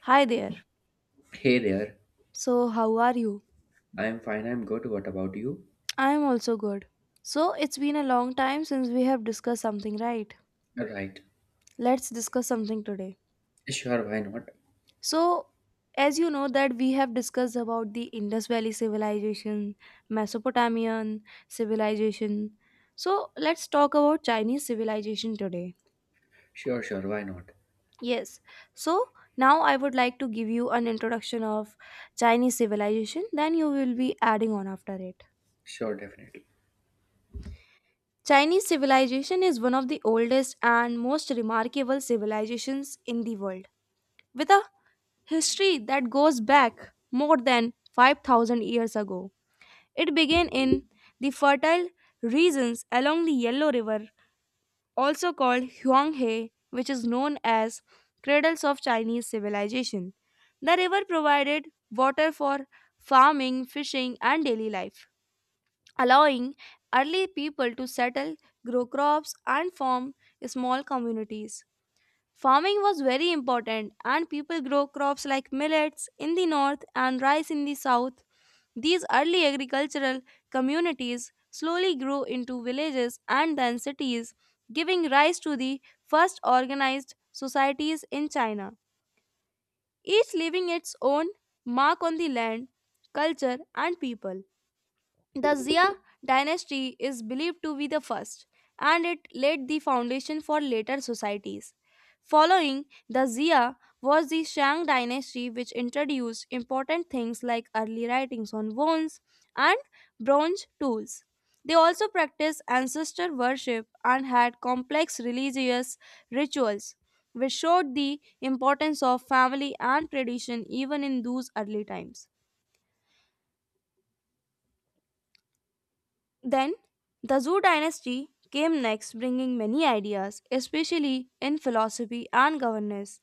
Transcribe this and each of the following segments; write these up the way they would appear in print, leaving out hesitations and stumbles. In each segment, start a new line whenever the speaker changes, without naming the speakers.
Hi there.
Hey there.
So, how are you?
I'm fine, I'm good. What about you?
I am also good. So, it's been a long time since we have discussed something, right?
Right.
Let's discuss something today.
Sure, why not?
So, as you know that we have discussed about the Indus Valley civilization, Mesopotamian civilization. So, let's talk about Chinese civilization today.
Sure, sure, why not?
Yes. So, now I would like to give you an introduction of Chinese civilization, then you will be adding on after it.
Sure, definitely.
Chinese civilization is one of the oldest and most remarkable civilizations in the world, with a history that goes back more than 5,000 years ago. It began in the fertile regions along the Yellow River, also called Huanghe, which is known as cradles of Chinese civilization. The river provided water for farming, fishing, and daily life allowing early people to settle, grow crops, and form small communities. Farming was very important, and people grow crops like millets in the north and rice in the south. These early agricultural communities slowly grew into villages and then cities, giving rise to the first organized societies in China, each leaving its own mark on the land, culture, and people. The Zia dynasty is believed to be the first, and it laid the foundation for later societies. Following the Zia was the Shang dynasty, which introduced important things like early writings on bones and bronze tools. They also practiced ancestor worship and had complex religious rituals, which showed the importance of family and tradition even in those early times. Then, the Zhou dynasty came next, bringing many ideas, especially in philosophy and governance.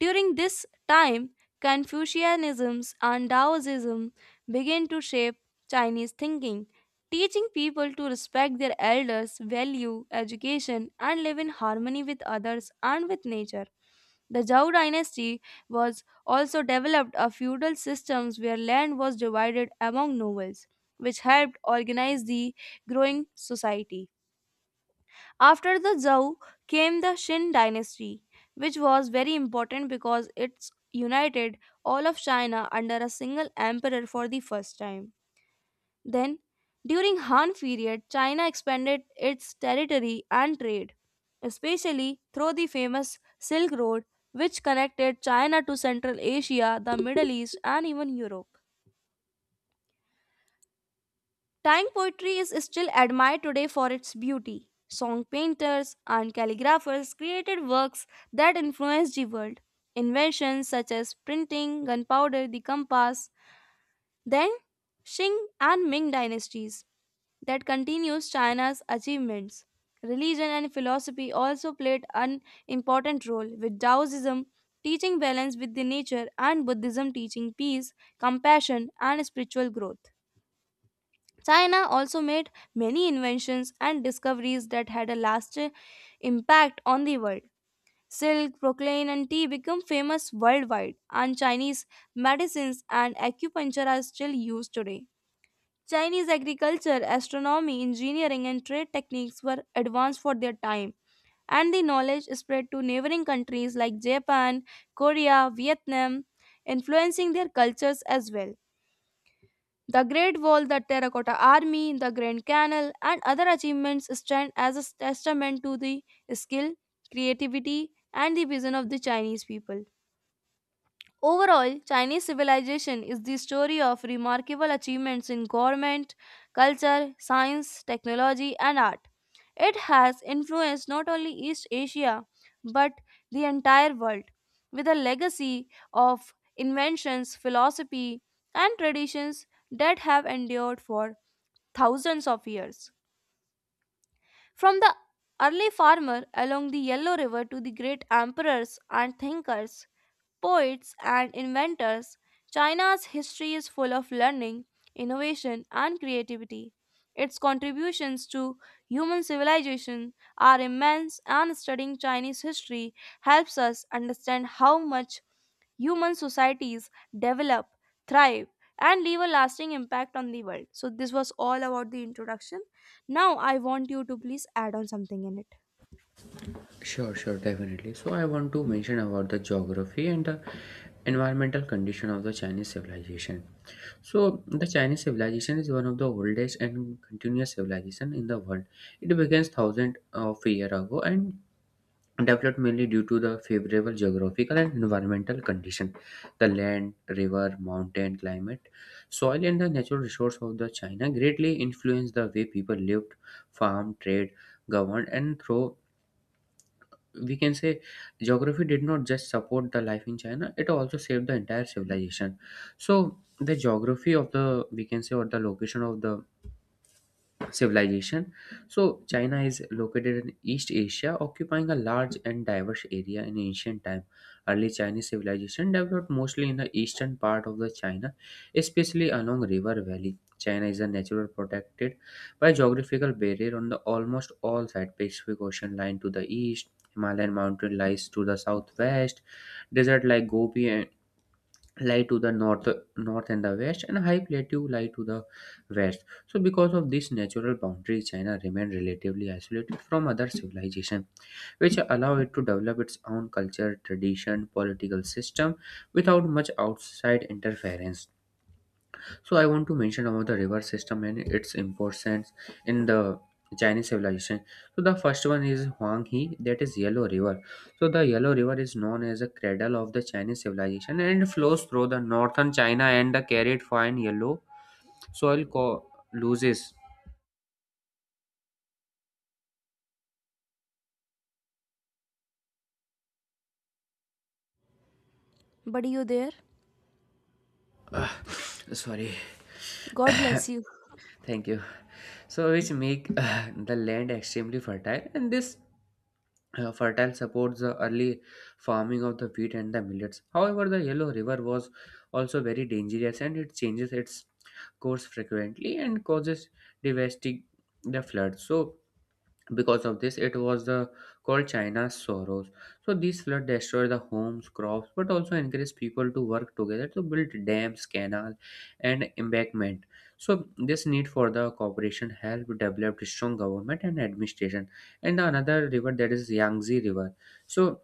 During this time, Confucianism and Taoism began to shape Chinese thinking, teaching people to respect their elders, value education, and live in harmony with others and with nature. The Zhou dynasty was also developed a feudal system where land was divided among nobles, which helped organize the growing society. After the Zhou came the Qin dynasty, which was very important because it united all of China under a single emperor for the first time. Then, during Han period, China expanded its territory and trade, especially through the famous Silk Road, which connected China to Central Asia, the Middle East, and even Europe. Tang poetry is still admired today for its beauty. Song painters and calligraphers created works that influenced the world. Inventions such as printing, gunpowder, the compass, then Qing and Ming dynasties that continues China's achievements. Religion and philosophy also played an important role, with Taoism teaching balance with the nature and Buddhism teaching peace, compassion, and spiritual growth. China also made many inventions and discoveries that had a lasting impact on the world. Silk, proclaim, and tea become famous worldwide, and Chinese medicines and acupuncture are still used today. Chinese agriculture, astronomy, engineering, and trade techniques were advanced for their time, and the knowledge spread to neighboring countries like Japan, Korea, Vietnam, influencing their cultures as well. The Great Wall, the Terracotta Army, the Grand Canal, and other achievements stand as a testament to the skill, creativity, and the vision of the Chinese people. Overall, Chinese civilization is the story of remarkable achievements in government, culture, science, technology, and art. It has influenced not only East Asia but the entire world with a legacy of inventions, philosophy, and traditions that have endured for thousands of years. From the early farmer along the Yellow River to the great emperors and thinkers, poets, and inventors, China's history is full of learning, innovation, and creativity. Its contributions to human civilization are immense, and studying Chinese history helps us understand how much human societies develop, thrive, and leave a lasting impact on the world. So, this was all about the introduction. Now, I want you to please add on something in it.
Sure, sure, definitely. So I want to mention about the geography and the environmental condition of the Chinese civilization. So the Chinese civilization is one of the oldest and continuous civilization in the world. It began thousands of years ago and developed mainly due to the favorable geographical and environmental condition, the land, river, mountain, climate, soil, and the natural resource of the China greatly influenced the way people lived, farmed, trade, governed, and through, we can say, geography did not just support the life in China, it also saved the entire civilization. So the geography of the, we can say, or the location of the civilization. So, China is located in East Asia, occupying a large and diverse area in ancient time. Early Chinese civilization developed mostly in the eastern part of the China, especially along river valley. China is a natural protected by geographical barrier on the almost all sides. Pacific Ocean line to the east, Himalayan mountain lies to the southwest, desert like Gobi and lie to the north, north and the west and high plateau lie to the west. So because of this natural boundary, China remained relatively isolated from other civilization, which allow it to develop its own culture, tradition, political system without much outside interference. So I want to mention about the river system and its importance in the Chinese civilization. So the first one is Huanghe, that is Yellow River. So the Yellow River is known as the cradle of the Chinese civilization, and it flows through the northern China and the carried fine yellow soil co- loses.
Buddy, you there?
Ah, sorry.
God bless you.
Thank you. So, which make the land extremely fertile, and this fertile supports the early farming of the wheat and the millets. However, the Yellow River was also very dangerous, and it changes its course frequently and causes devastating the floods. So, because of this, it was the called China's sorrows. So these flood destroyed the homes, crops, but also encouraged people to work together to build dams, canal, and embankment. So this need for the cooperation helped develop strong government and administration. And the another river, that is Yangtze River. So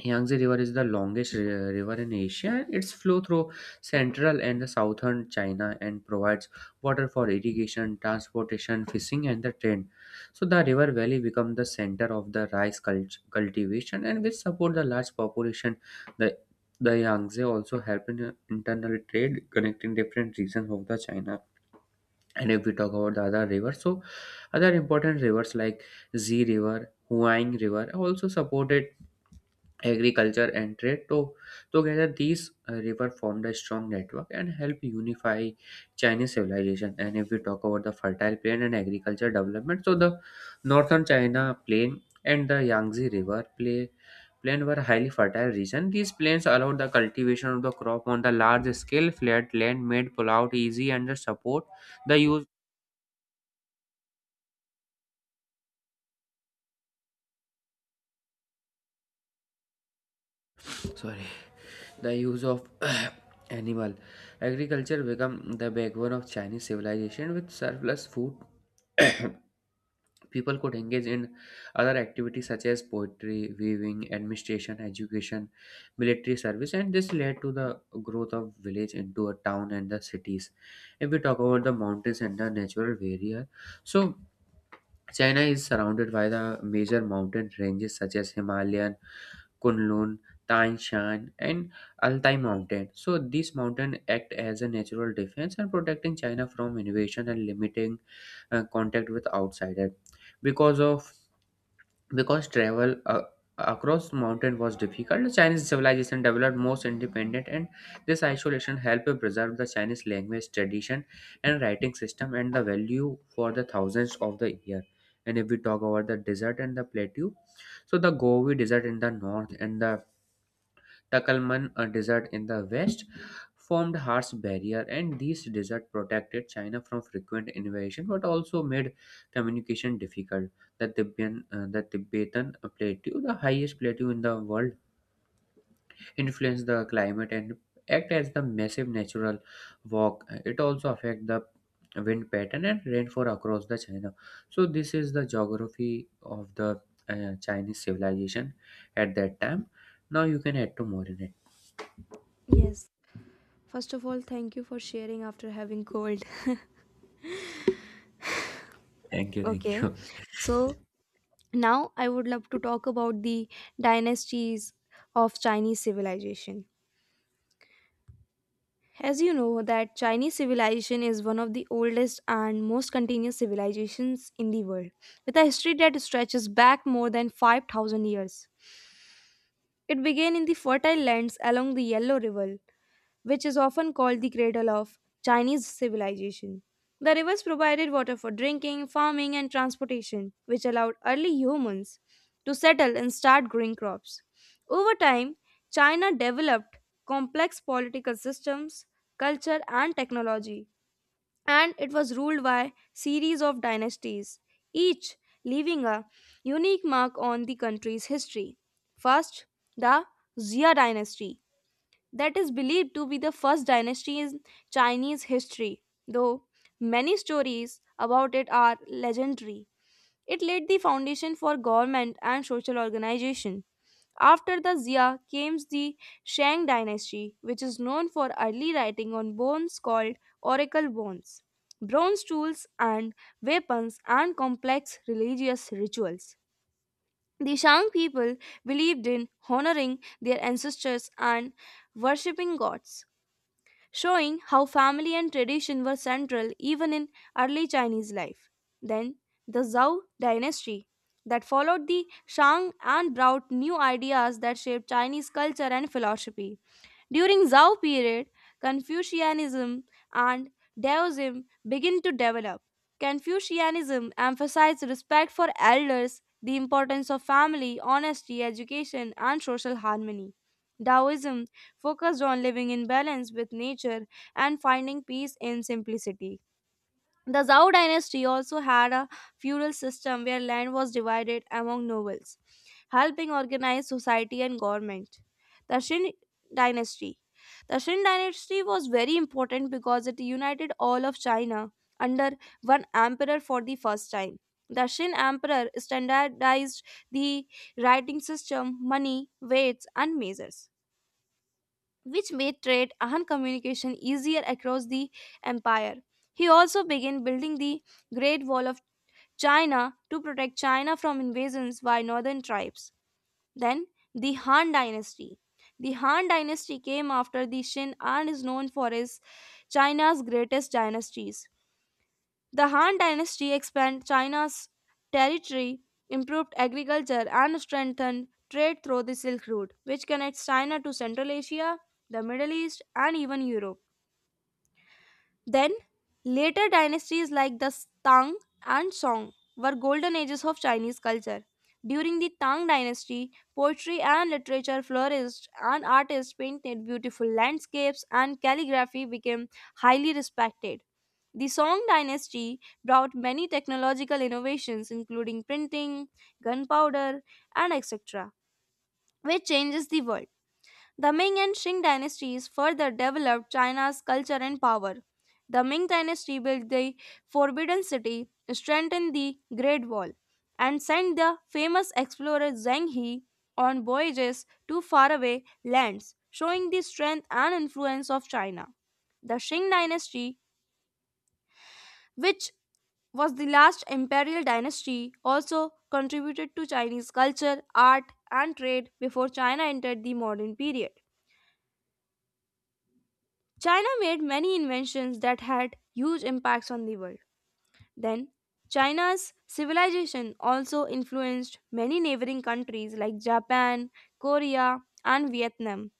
Yangtze River is the longest river in Asia. Its flow through central and the southern China and provides water for irrigation, transportation, fishing, and the trade. So the river valley becomes the center of the cultivation, and which support the large population. The the Yangtze also help in internal trade, connecting different regions of the China. And if we talk about the other rivers, so other important rivers like Z River, Huang River also supported agriculture and trade. So, together these river formed a strong network and helped unify Chinese civilization. And if we talk about the fertile plain and agriculture development, so the northern China plain and the plain were highly fertile region. These plains allowed the cultivation of the crop on the large scale. Flat land made pullout easy and support the use sorry the use of animal. Agriculture became the backbone of Chinese civilization. With surplus food, people could engage in other activities such as poetry, weaving, administration, education, military service, and this led to the growth of village into a town and the cities. If we talk about the mountains and the natural barrier, so China is surrounded by the major mountain ranges such as Himalayan, Kunlun, Tan Shan, and Altai Mountain. So these mountains act as a natural defense and protecting China from invasion and limiting contact with outsiders. Because of because travel across mountain was difficult, the Chinese civilization developed most independent, and this isolation helped preserve the Chinese language, tradition, and writing system and the value for the thousands of the year. And if we talk about the desert and the plateau, so the Gobi Desert in the north and the Takalman, a desert in the west, formed harsh barrier, and these desert protected China from frequent invasion but also made communication difficult. The Tibetan plateau, the highest plateau in the world, influenced the climate and act as the massive natural walk. It also affect the wind pattern and rainfall across the China. So this is the geography of the Chinese civilization at that time. Now you can add to more in it.
Yes. First of all, thank you for sharing after having cold.
Thank you, thank
Okay.
you.
So now I would love to talk about the dynasties of Chinese civilization. As you know that Chinese civilization is one of the oldest and most continuous civilizations in the world with a history that stretches back more than 5,000 years. It began in the fertile lands along the Yellow River which is often called the cradle of Chinese civilization. The rivers provided water for drinking, farming, and transportation, which allowed early humans to settle and start growing crops. Over time, China developed complex political systems, culture, and technology, and it was ruled by series of dynasties, each leaving a unique mark on the country's history. First, the Xia dynasty that is believed to be the first dynasty in Chinese history, though many stories about it are legendary. It laid the foundation for government and social organization. After the Xia came the Shang dynasty, which is known for early writing on bones called oracle bones, bronze tools and weapons, and complex religious rituals. The Shang people believed in honoring their ancestors and worshipping gods showing how family and tradition were central even in early Chinese life. Then, the Zhou dynasty that followed the Shang and brought new ideas that shaped Chinese culture and philosophy. During Zhao period, Confucianism and Daoism begin to develop. Confucianism emphasized respect for elders, the importance of family, honesty, education, and social harmony. Taoism focused on living in balance with nature and finding peace in simplicity. The Zhou dynasty also had a feudal system where land was divided among nobles, helping organize society and government. The Xin dynasty. The Xin dynasty was very important because it united all of China under one emperor for the first time. The Xin emperor standardized the writing system, money, weights, and measures which made trade and communication easier across the empire. He also began building the Great Wall of China to protect China from invasions by northern tribes. Then, the Han Dynasty. The Han Dynasty came after the Shin and is known for is China's greatest dynasties. The Han dynasty expanded China's territory, improved agriculture, and strengthened trade through the Silk Route, which connects China to Central Asia, the Middle East, and even Europe. Then, later dynasties like the Tang and Song were golden ages of Chinese culture. During the Tang dynasty, poetry and literature flourished, and artists painted beautiful landscapes, and calligraphy became highly respected. The Song dynasty brought many technological innovations, including printing, gunpowder, and etc., which changes the world. The Ming and Qing dynasties further developed China's culture and power. The Ming dynasty built the Forbidden City, strengthened the Great Wall, and sent the famous explorer Zheng He on voyages to faraway lands, showing the strength and influence of China. The Qing dynasty, which was the last imperial dynasty, also contributed to Chinese culture, art, and trade before China entered the modern period. China made many inventions that had huge impacts on the world. Then, China's civilization also influenced many neighboring countries like Japan, Korea, and Vietnam,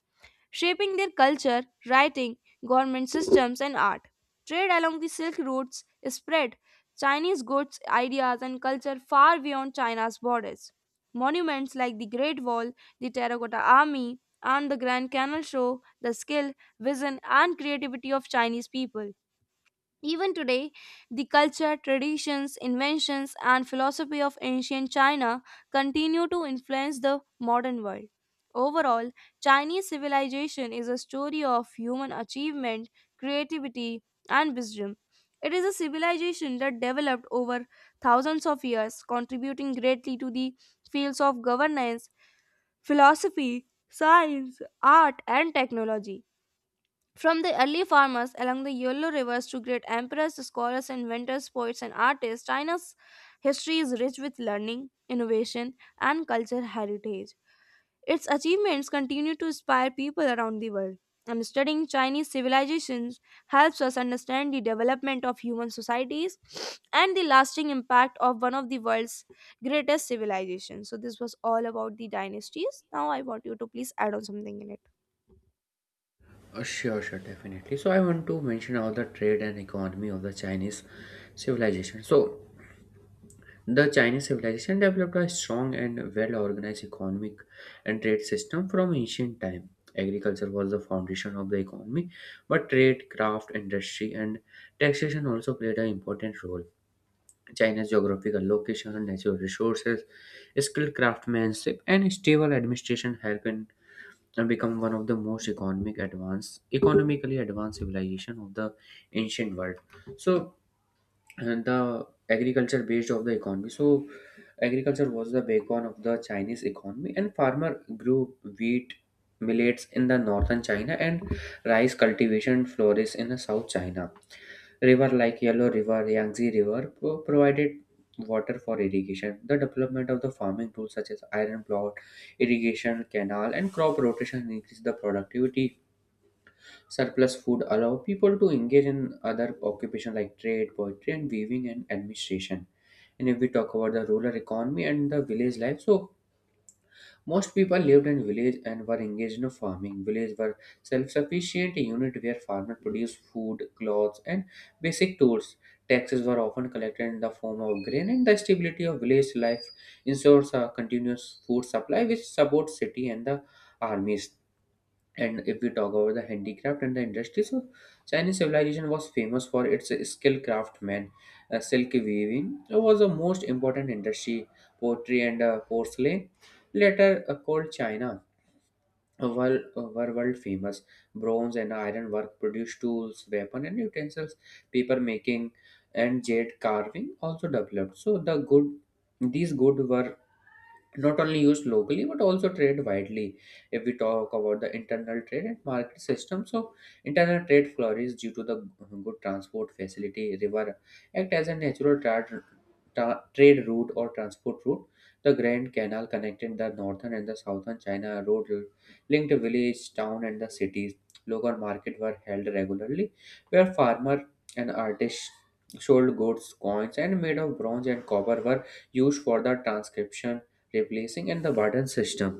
shaping their culture, writing, government systems, and art. Trade along the Silk routes spread Chinese goods, ideas, and culture far beyond China's borders. Monuments like the Great Wall, the Terracotta Army, and the Grand Canal show the skill, vision, and creativity of Chinese people. Even today, the culture, traditions, inventions, and philosophy of ancient China continue to influence the modern world. Overall, Chinese civilization is a story of human achievement, creativity, and wisdom. It is a civilization that developed over thousands of years, contributing greatly to the fields of governance, philosophy, science, art, and technology. From the early farmers along the Yellow rivers to great emperors, scholars, inventors, poets, and artists, China's history is rich with learning, innovation, and cultural heritage. Its achievements continue to inspire people around the world. And studying Chinese civilizations helps us understand the development of human societies and the lasting impact of one of the world's greatest civilizations. So, this was all about the dynasties. Now, I want you to please add on something in it.
Sure, sure, definitely. So I want to mention about the trade and economy of the Chinese civilization. So the Chinese civilization developed a strong and well-organized economic and trade system from ancient time. Agriculture was the foundation of the economy, but trade, craft, industry, and taxation also played an important role. China's geographical location, natural resources, skilled craftsmanship, and stable administration helped in and become one of the most economic advanced economically advanced civilization of the ancient world. So and the agriculture based of the economy. So agriculture was the backbone of the Chinese economy, and farmer grew wheat, millets in the northern China, and rice cultivation flourished in the south China. River like Yellow River, provided water for irrigation. The development of the farming tools such as iron plow, irrigation canal, and crop rotation increased the productivity. Surplus food allow people to engage in other occupation like trade, poetry, and weaving and administration. And if we talk about the rural economy and the village life, so most people lived in village and were engaged in farming. Villages were self-sufficient unit where farmers produced food, clothes, and basic tools. Taxes were often collected in the form of grain, and the stability of village life ensures a continuous food supply, which supports city and the armies. And if we talk about the handicraft and the industry, so Chinese civilization was famous for its skill craftsmen. Silk weaving was the most important industry. Pottery and porcelain, later called China, were world famous. Bronze and iron work produced tools, weapons, and utensils. Paper making and jade carving also developed. So these good were not only used locally but also trade widely. If we talk about the internal trade and market system, so internal trade flourished due to the good transport facility. River act as a natural trade route or transport route. The grand canal connected the northern and the southern China. Road linked village, town, and the cities. Local market were held regularly where farmer and artist sold goods. Coins and made of bronze and copper were used for the transcription, replacing in the barter system.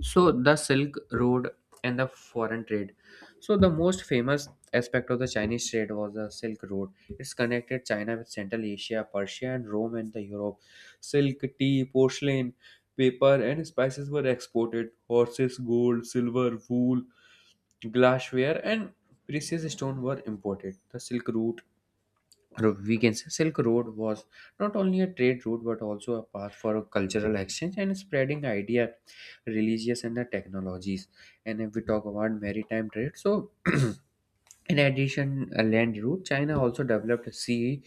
So the Silk Road and the foreign trade. So the most famous aspect of the Chinese trade was the Silk Road. It's connected China with Central Asia, Persia and Rome and the Europe. Silk, tea, porcelain, paper and spices were exported. Horses, gold, silver, wool, glassware and precious stone were imported. The we can say Silk Road, was not only a trade route but also a path for cultural exchange and spreading idea, religious and the technologies. And if we talk about maritime trade, so in addition a land route, China also developed sea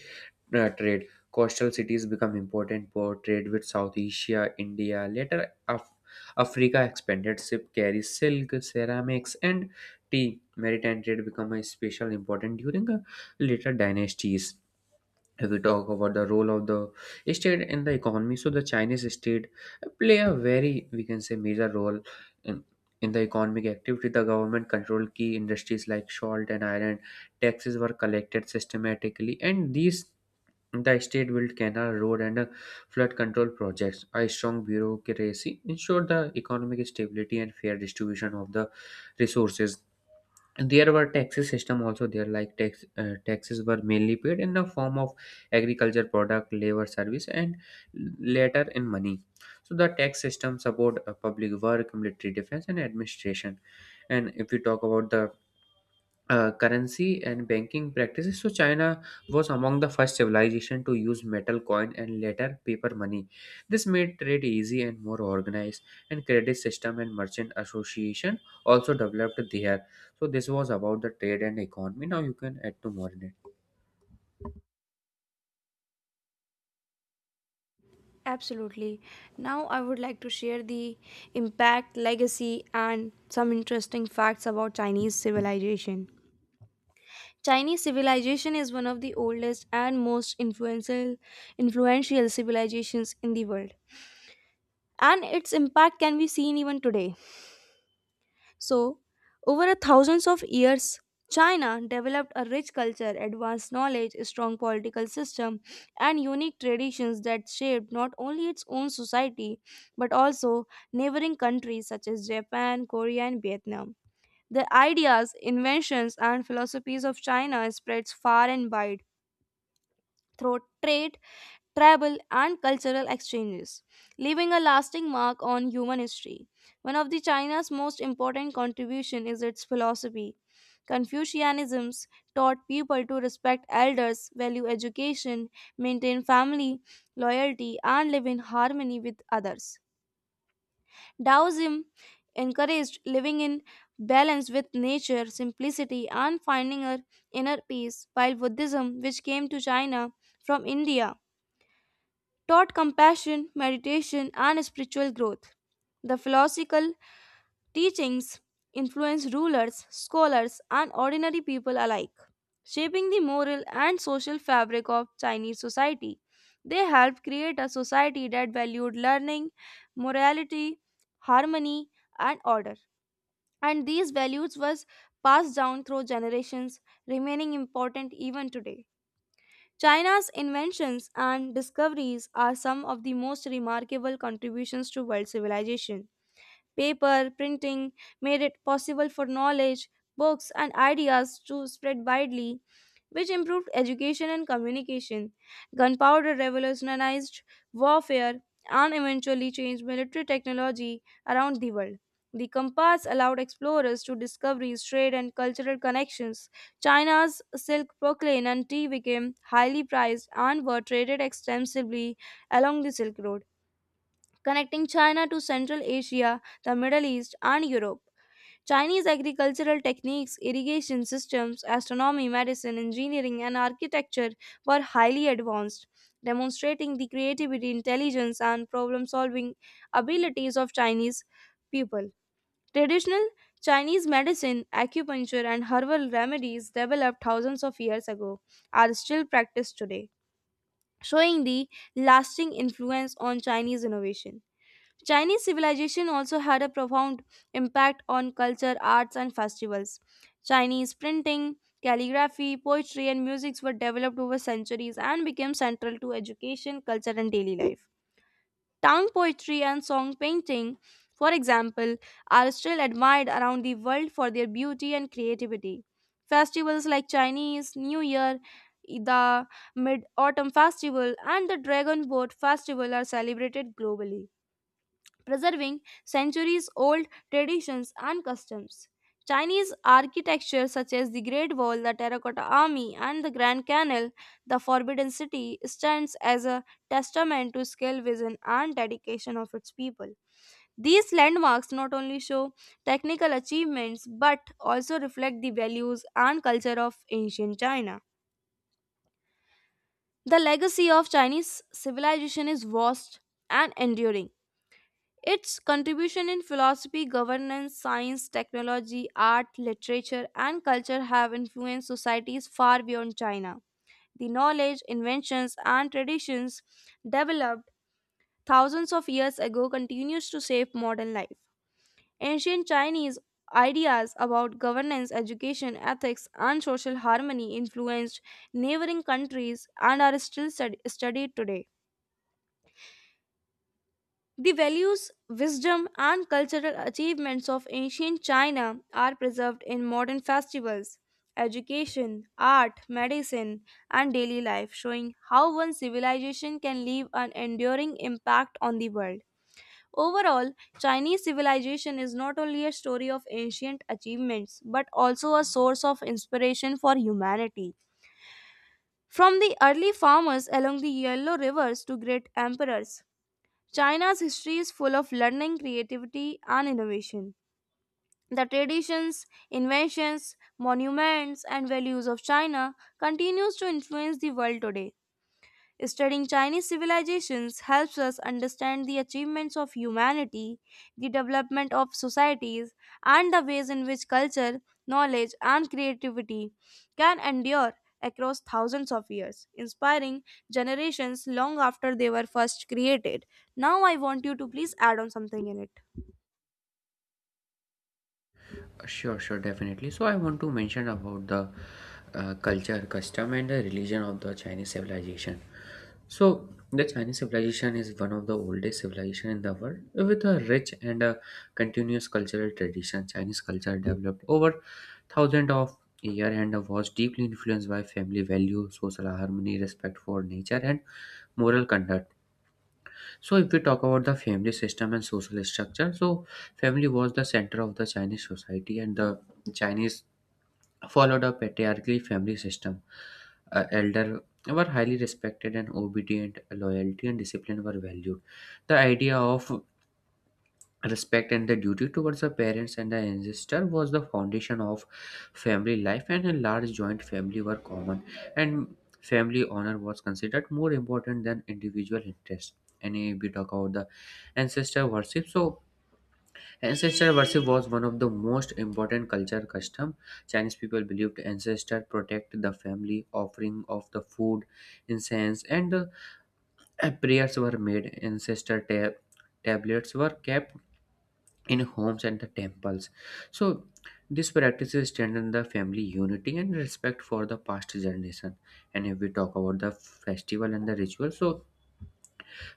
trade. Coastal cities become important for trade with South Asia, India. Later, Africa expanded. Ship carries silk, ceramics, and tea. Maritime trade become a special important during later dynasties. If we talk about the role of the state in the economy, so the Chinese state play a very, we can say, major role in in the economic activity. The government controlled key industries like salt and iron. Taxes were collected systematically, and these the state built canal, road, and flood control projects. A strong bureaucracy ensured the economic stability and fair distribution of the resources. And there were taxes system also there, like taxes were mainly paid in the form of agriculture product, labor service, and later in money. So the tax system support public work, military defense, and administration. And if we talk about the currency and banking practices. So China was among the first civilization to use metal coin and later paper money. This made trade easy and more organized. And credit system and merchant association also developed there. So this was about the trade and economy. Now you can add to more in it.
Absolutely. Now, I would like to share the impact, legacy, and some interesting facts about Chinese civilization. Chinese civilization is one of the oldest and most influential civilizations in the world, and its impact can be seen even today. So, over a thousands of years, China developed a rich culture, advanced knowledge, a strong political system, and unique traditions that shaped not only its own society but also neighboring countries such as Japan, Korea, and Vietnam. The ideas, inventions, and philosophies of China spreads far and wide through trade, travel, and cultural exchanges, leaving a lasting mark on human history. One of the China's most important contribution is its philosophy. Confucianism taught people to respect elders, value education, maintain family loyalty, and live in harmony with others. Taoism encouraged living in balance with nature, simplicity, and finding our inner peace, while Buddhism, which came to China from India, taught compassion, meditation, and spiritual growth. The philosophical teachings influenced rulers, scholars, and ordinary people alike, shaping the moral and social fabric of Chinese society. They helped create a society that valued learning, morality, harmony, and order. And these values was passed down through generations, remaining important even today. China's inventions and discoveries are some of the most remarkable contributions to world civilization. Paper, printing made it possible for knowledge, books, and ideas to spread widely which improved education and communication. Gunpowder revolutionized warfare and eventually changed military technology around the world. The compass allowed explorers to discoveries, trade, and cultural connections. China's silk, porcelain, and tea became highly prized and were traded extensively along the Silk Road, connecting China to Central Asia, the Middle East, and Europe. Chinese agricultural techniques, irrigation systems, astronomy, medicine, engineering, and architecture were highly advanced, demonstrating the creativity, intelligence, and problem solving abilities of Chinese people. Traditional Chinese medicine, acupuncture, and herbal remedies developed thousands of years ago are still practiced today, showing the lasting influence on Chinese innovation. Chinese civilization also had a profound impact on culture, arts, and festivals. Chinese printing, calligraphy, poetry, and music were developed over centuries and became central to education, culture, and daily life. Town poetry and song painting, for example, are still admired around the world for their beauty and creativity. Festivals like Chinese New Year, the Mid Autumn Festival, and the Dragon Boat Festival are celebrated globally preserving centuries old traditions and customs. Chinese architecture, such as the Great Wall, the Terracotta Army, and the Grand Canal, the Forbidden City, stands as a testament to skill, vision, and dedication of its people. These landmarks not only show technical achievements but also reflect the values and culture of ancient China. The legacy of Chinese civilization is vast and enduring its contribution in philosophy, governance, science, technology, art, literature, and culture have influenced societies far beyond China. The knowledge, inventions, and traditions developed thousands of years ago continues to shape modern life. Ancient Chinese ideas about governance, education, ethics, and social harmony influenced neighboring countries and are still studied today. The values, wisdom, and cultural achievements of ancient China are preserved in modern festivals, education, art, medicine, and daily life, showing how one civilization can leave an enduring impact on the world. Overall, Chinese civilization is not only a story of ancient achievements but also a source of inspiration for humanity. From the early farmers along the Yellow Rivers to great emperors, China's history is full of learning, creativity, and innovation. The traditions, inventions, monuments, and values of China continues to influence the world today. Studying Chinese civilizations helps us understand the achievements of humanity, the development of societies, and the ways in which culture, knowledge, and creativity can endure across thousands of years, inspiring generations long after they were first created. Now, I want you to please add on something in it.
Sure, sure, definitely. So I want to mention about the culture, custom, and the religion of the Chinese civilization. So the Chinese civilization is one of the oldest civilization in the world, with a rich and a continuous cultural tradition. Chinese culture developed over thousands of years and was deeply influenced by family values, social harmony, respect for nature, and moral conduct. So, if we talk about the family system and social structure, so family was the center of the Chinese society, and the Chinese followed a patriarchal family system. Elder were highly respected and obedient, loyalty and discipline were valued. The idea of respect and the duty towards the parents and the ancestor was the foundation of family life, and a large joint family were common, and family honor was considered more important than individual interest. And if we talk about the ancestor worship, so ancestor worship was one of the most important culture custom. Chinese people believed ancestor protect the family, offering of the food, incense, and prayers were made. Tablets were kept in homes and the temples. So these practices strengthen the family unity and respect for the past generation. And if we talk about the festival and the ritual, so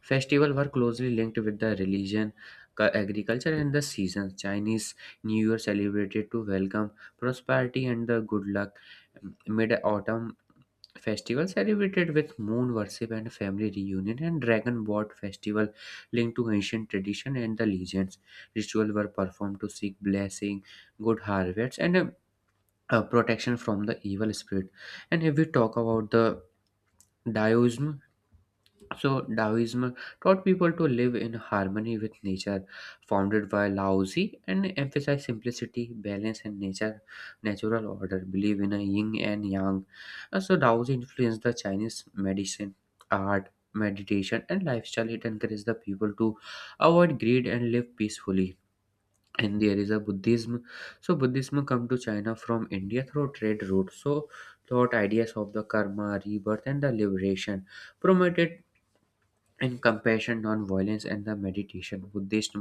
festival were closely linked with the religion, agriculture, and the seasons. Chinese New Year celebrated to welcome prosperity and the good luck. Mid autumn festival celebrated with moon worship and family reunion, and dragon boat festival linked to ancient tradition and the legends. Rituals were performed to seek blessing, good harvests, and protection from the evil spirit. And if we talk about the Daoism, so Taoism taught people to live in harmony with nature, founded by Lao Tzu, and emphasized simplicity, balance, and natural order. Believe in a yin and yang. And so, Tao Tzu influenced the Chinese medicine, art, meditation, and lifestyle. It encouraged the people to avoid greed and live peacefully. And there is a Buddhism. So, Buddhism come to China from India through trade route. So, taught ideas of the karma, rebirth, and the liberation, promoted in compassion, non-violence, and the meditation. Buddhist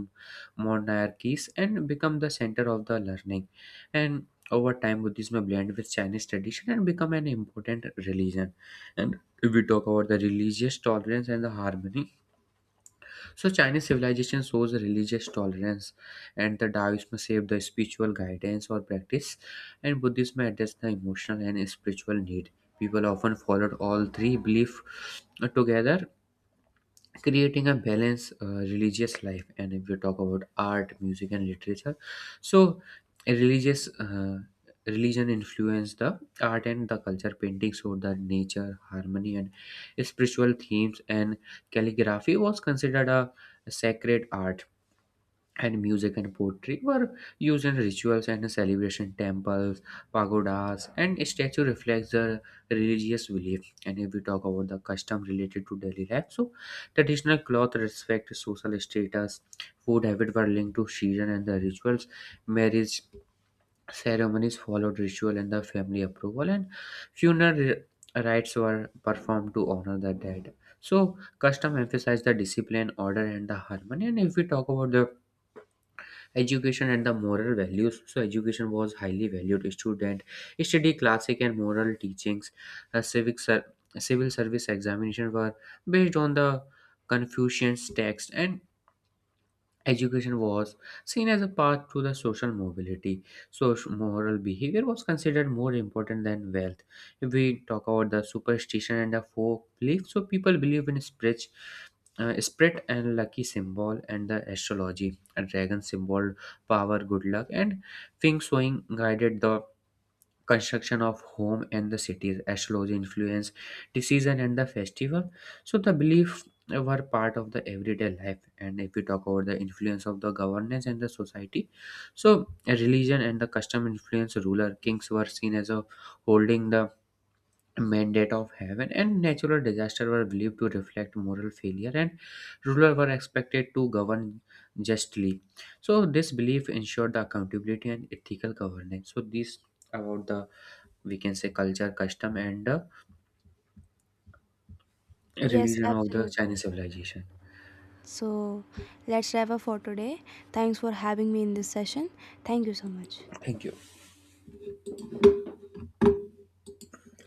monarchies, and become the center of the learning. And over time, Buddhism blend with Chinese tradition and become an important religion. And if we talk about the religious tolerance and the harmony, so Chinese civilization shows religious tolerance, and the Taoism saved the spiritual guidance or practice, and Buddhism addressed the emotional and spiritual need. People often followed all three belief together, creating a balanced religious life. And if we talk about art, music, and literature, so a religious religion influenced the art and the culture. Painting showed the nature harmony and spiritual themes, and calligraphy was considered a sacred art, and music and poetry were used in rituals and celebration. Temples, pagodas, and statue reflects the religious belief. And if we talk about the custom related to daily life, so traditional cloth respect social status, food habit were linked to season and the rituals, marriage ceremonies followed ritual and the family approval, and funeral rites were performed to honor the dead. So custom emphasized the discipline order and the harmony. And if we talk about the education and the moral values, so education was highly valued. Student study classic and moral teachings. uh, civic ser- Civil service examination were based on the confucian text, and education was seen as a path to the social mobility. Social moral behavior was considered more important than wealth. If we talk about the superstition and the folk belief, so people believe in spirits, spirit and lucky symbol and the astrology. A dragon symbol, power, good luck, and feng shui guided the construction of home and the cities. Astrology influence the season and the festival. So the belief were part of the everyday life. And if we talk about the influence of the governance and the society, so religion and the custom influence ruler. Kings were seen as a holding the mandate of heaven, and natural disaster were believed to reflect moral failure, and ruler were expected to govern justly. So this belief ensured the accountability and ethical governance. So these about the, we can say, culture, custom, and
Yes,
religion of the
absolutely.
Chinese civilization.
So, let's wrap up for today. Thanks for having me in this session. Thank you so much.
Thank you.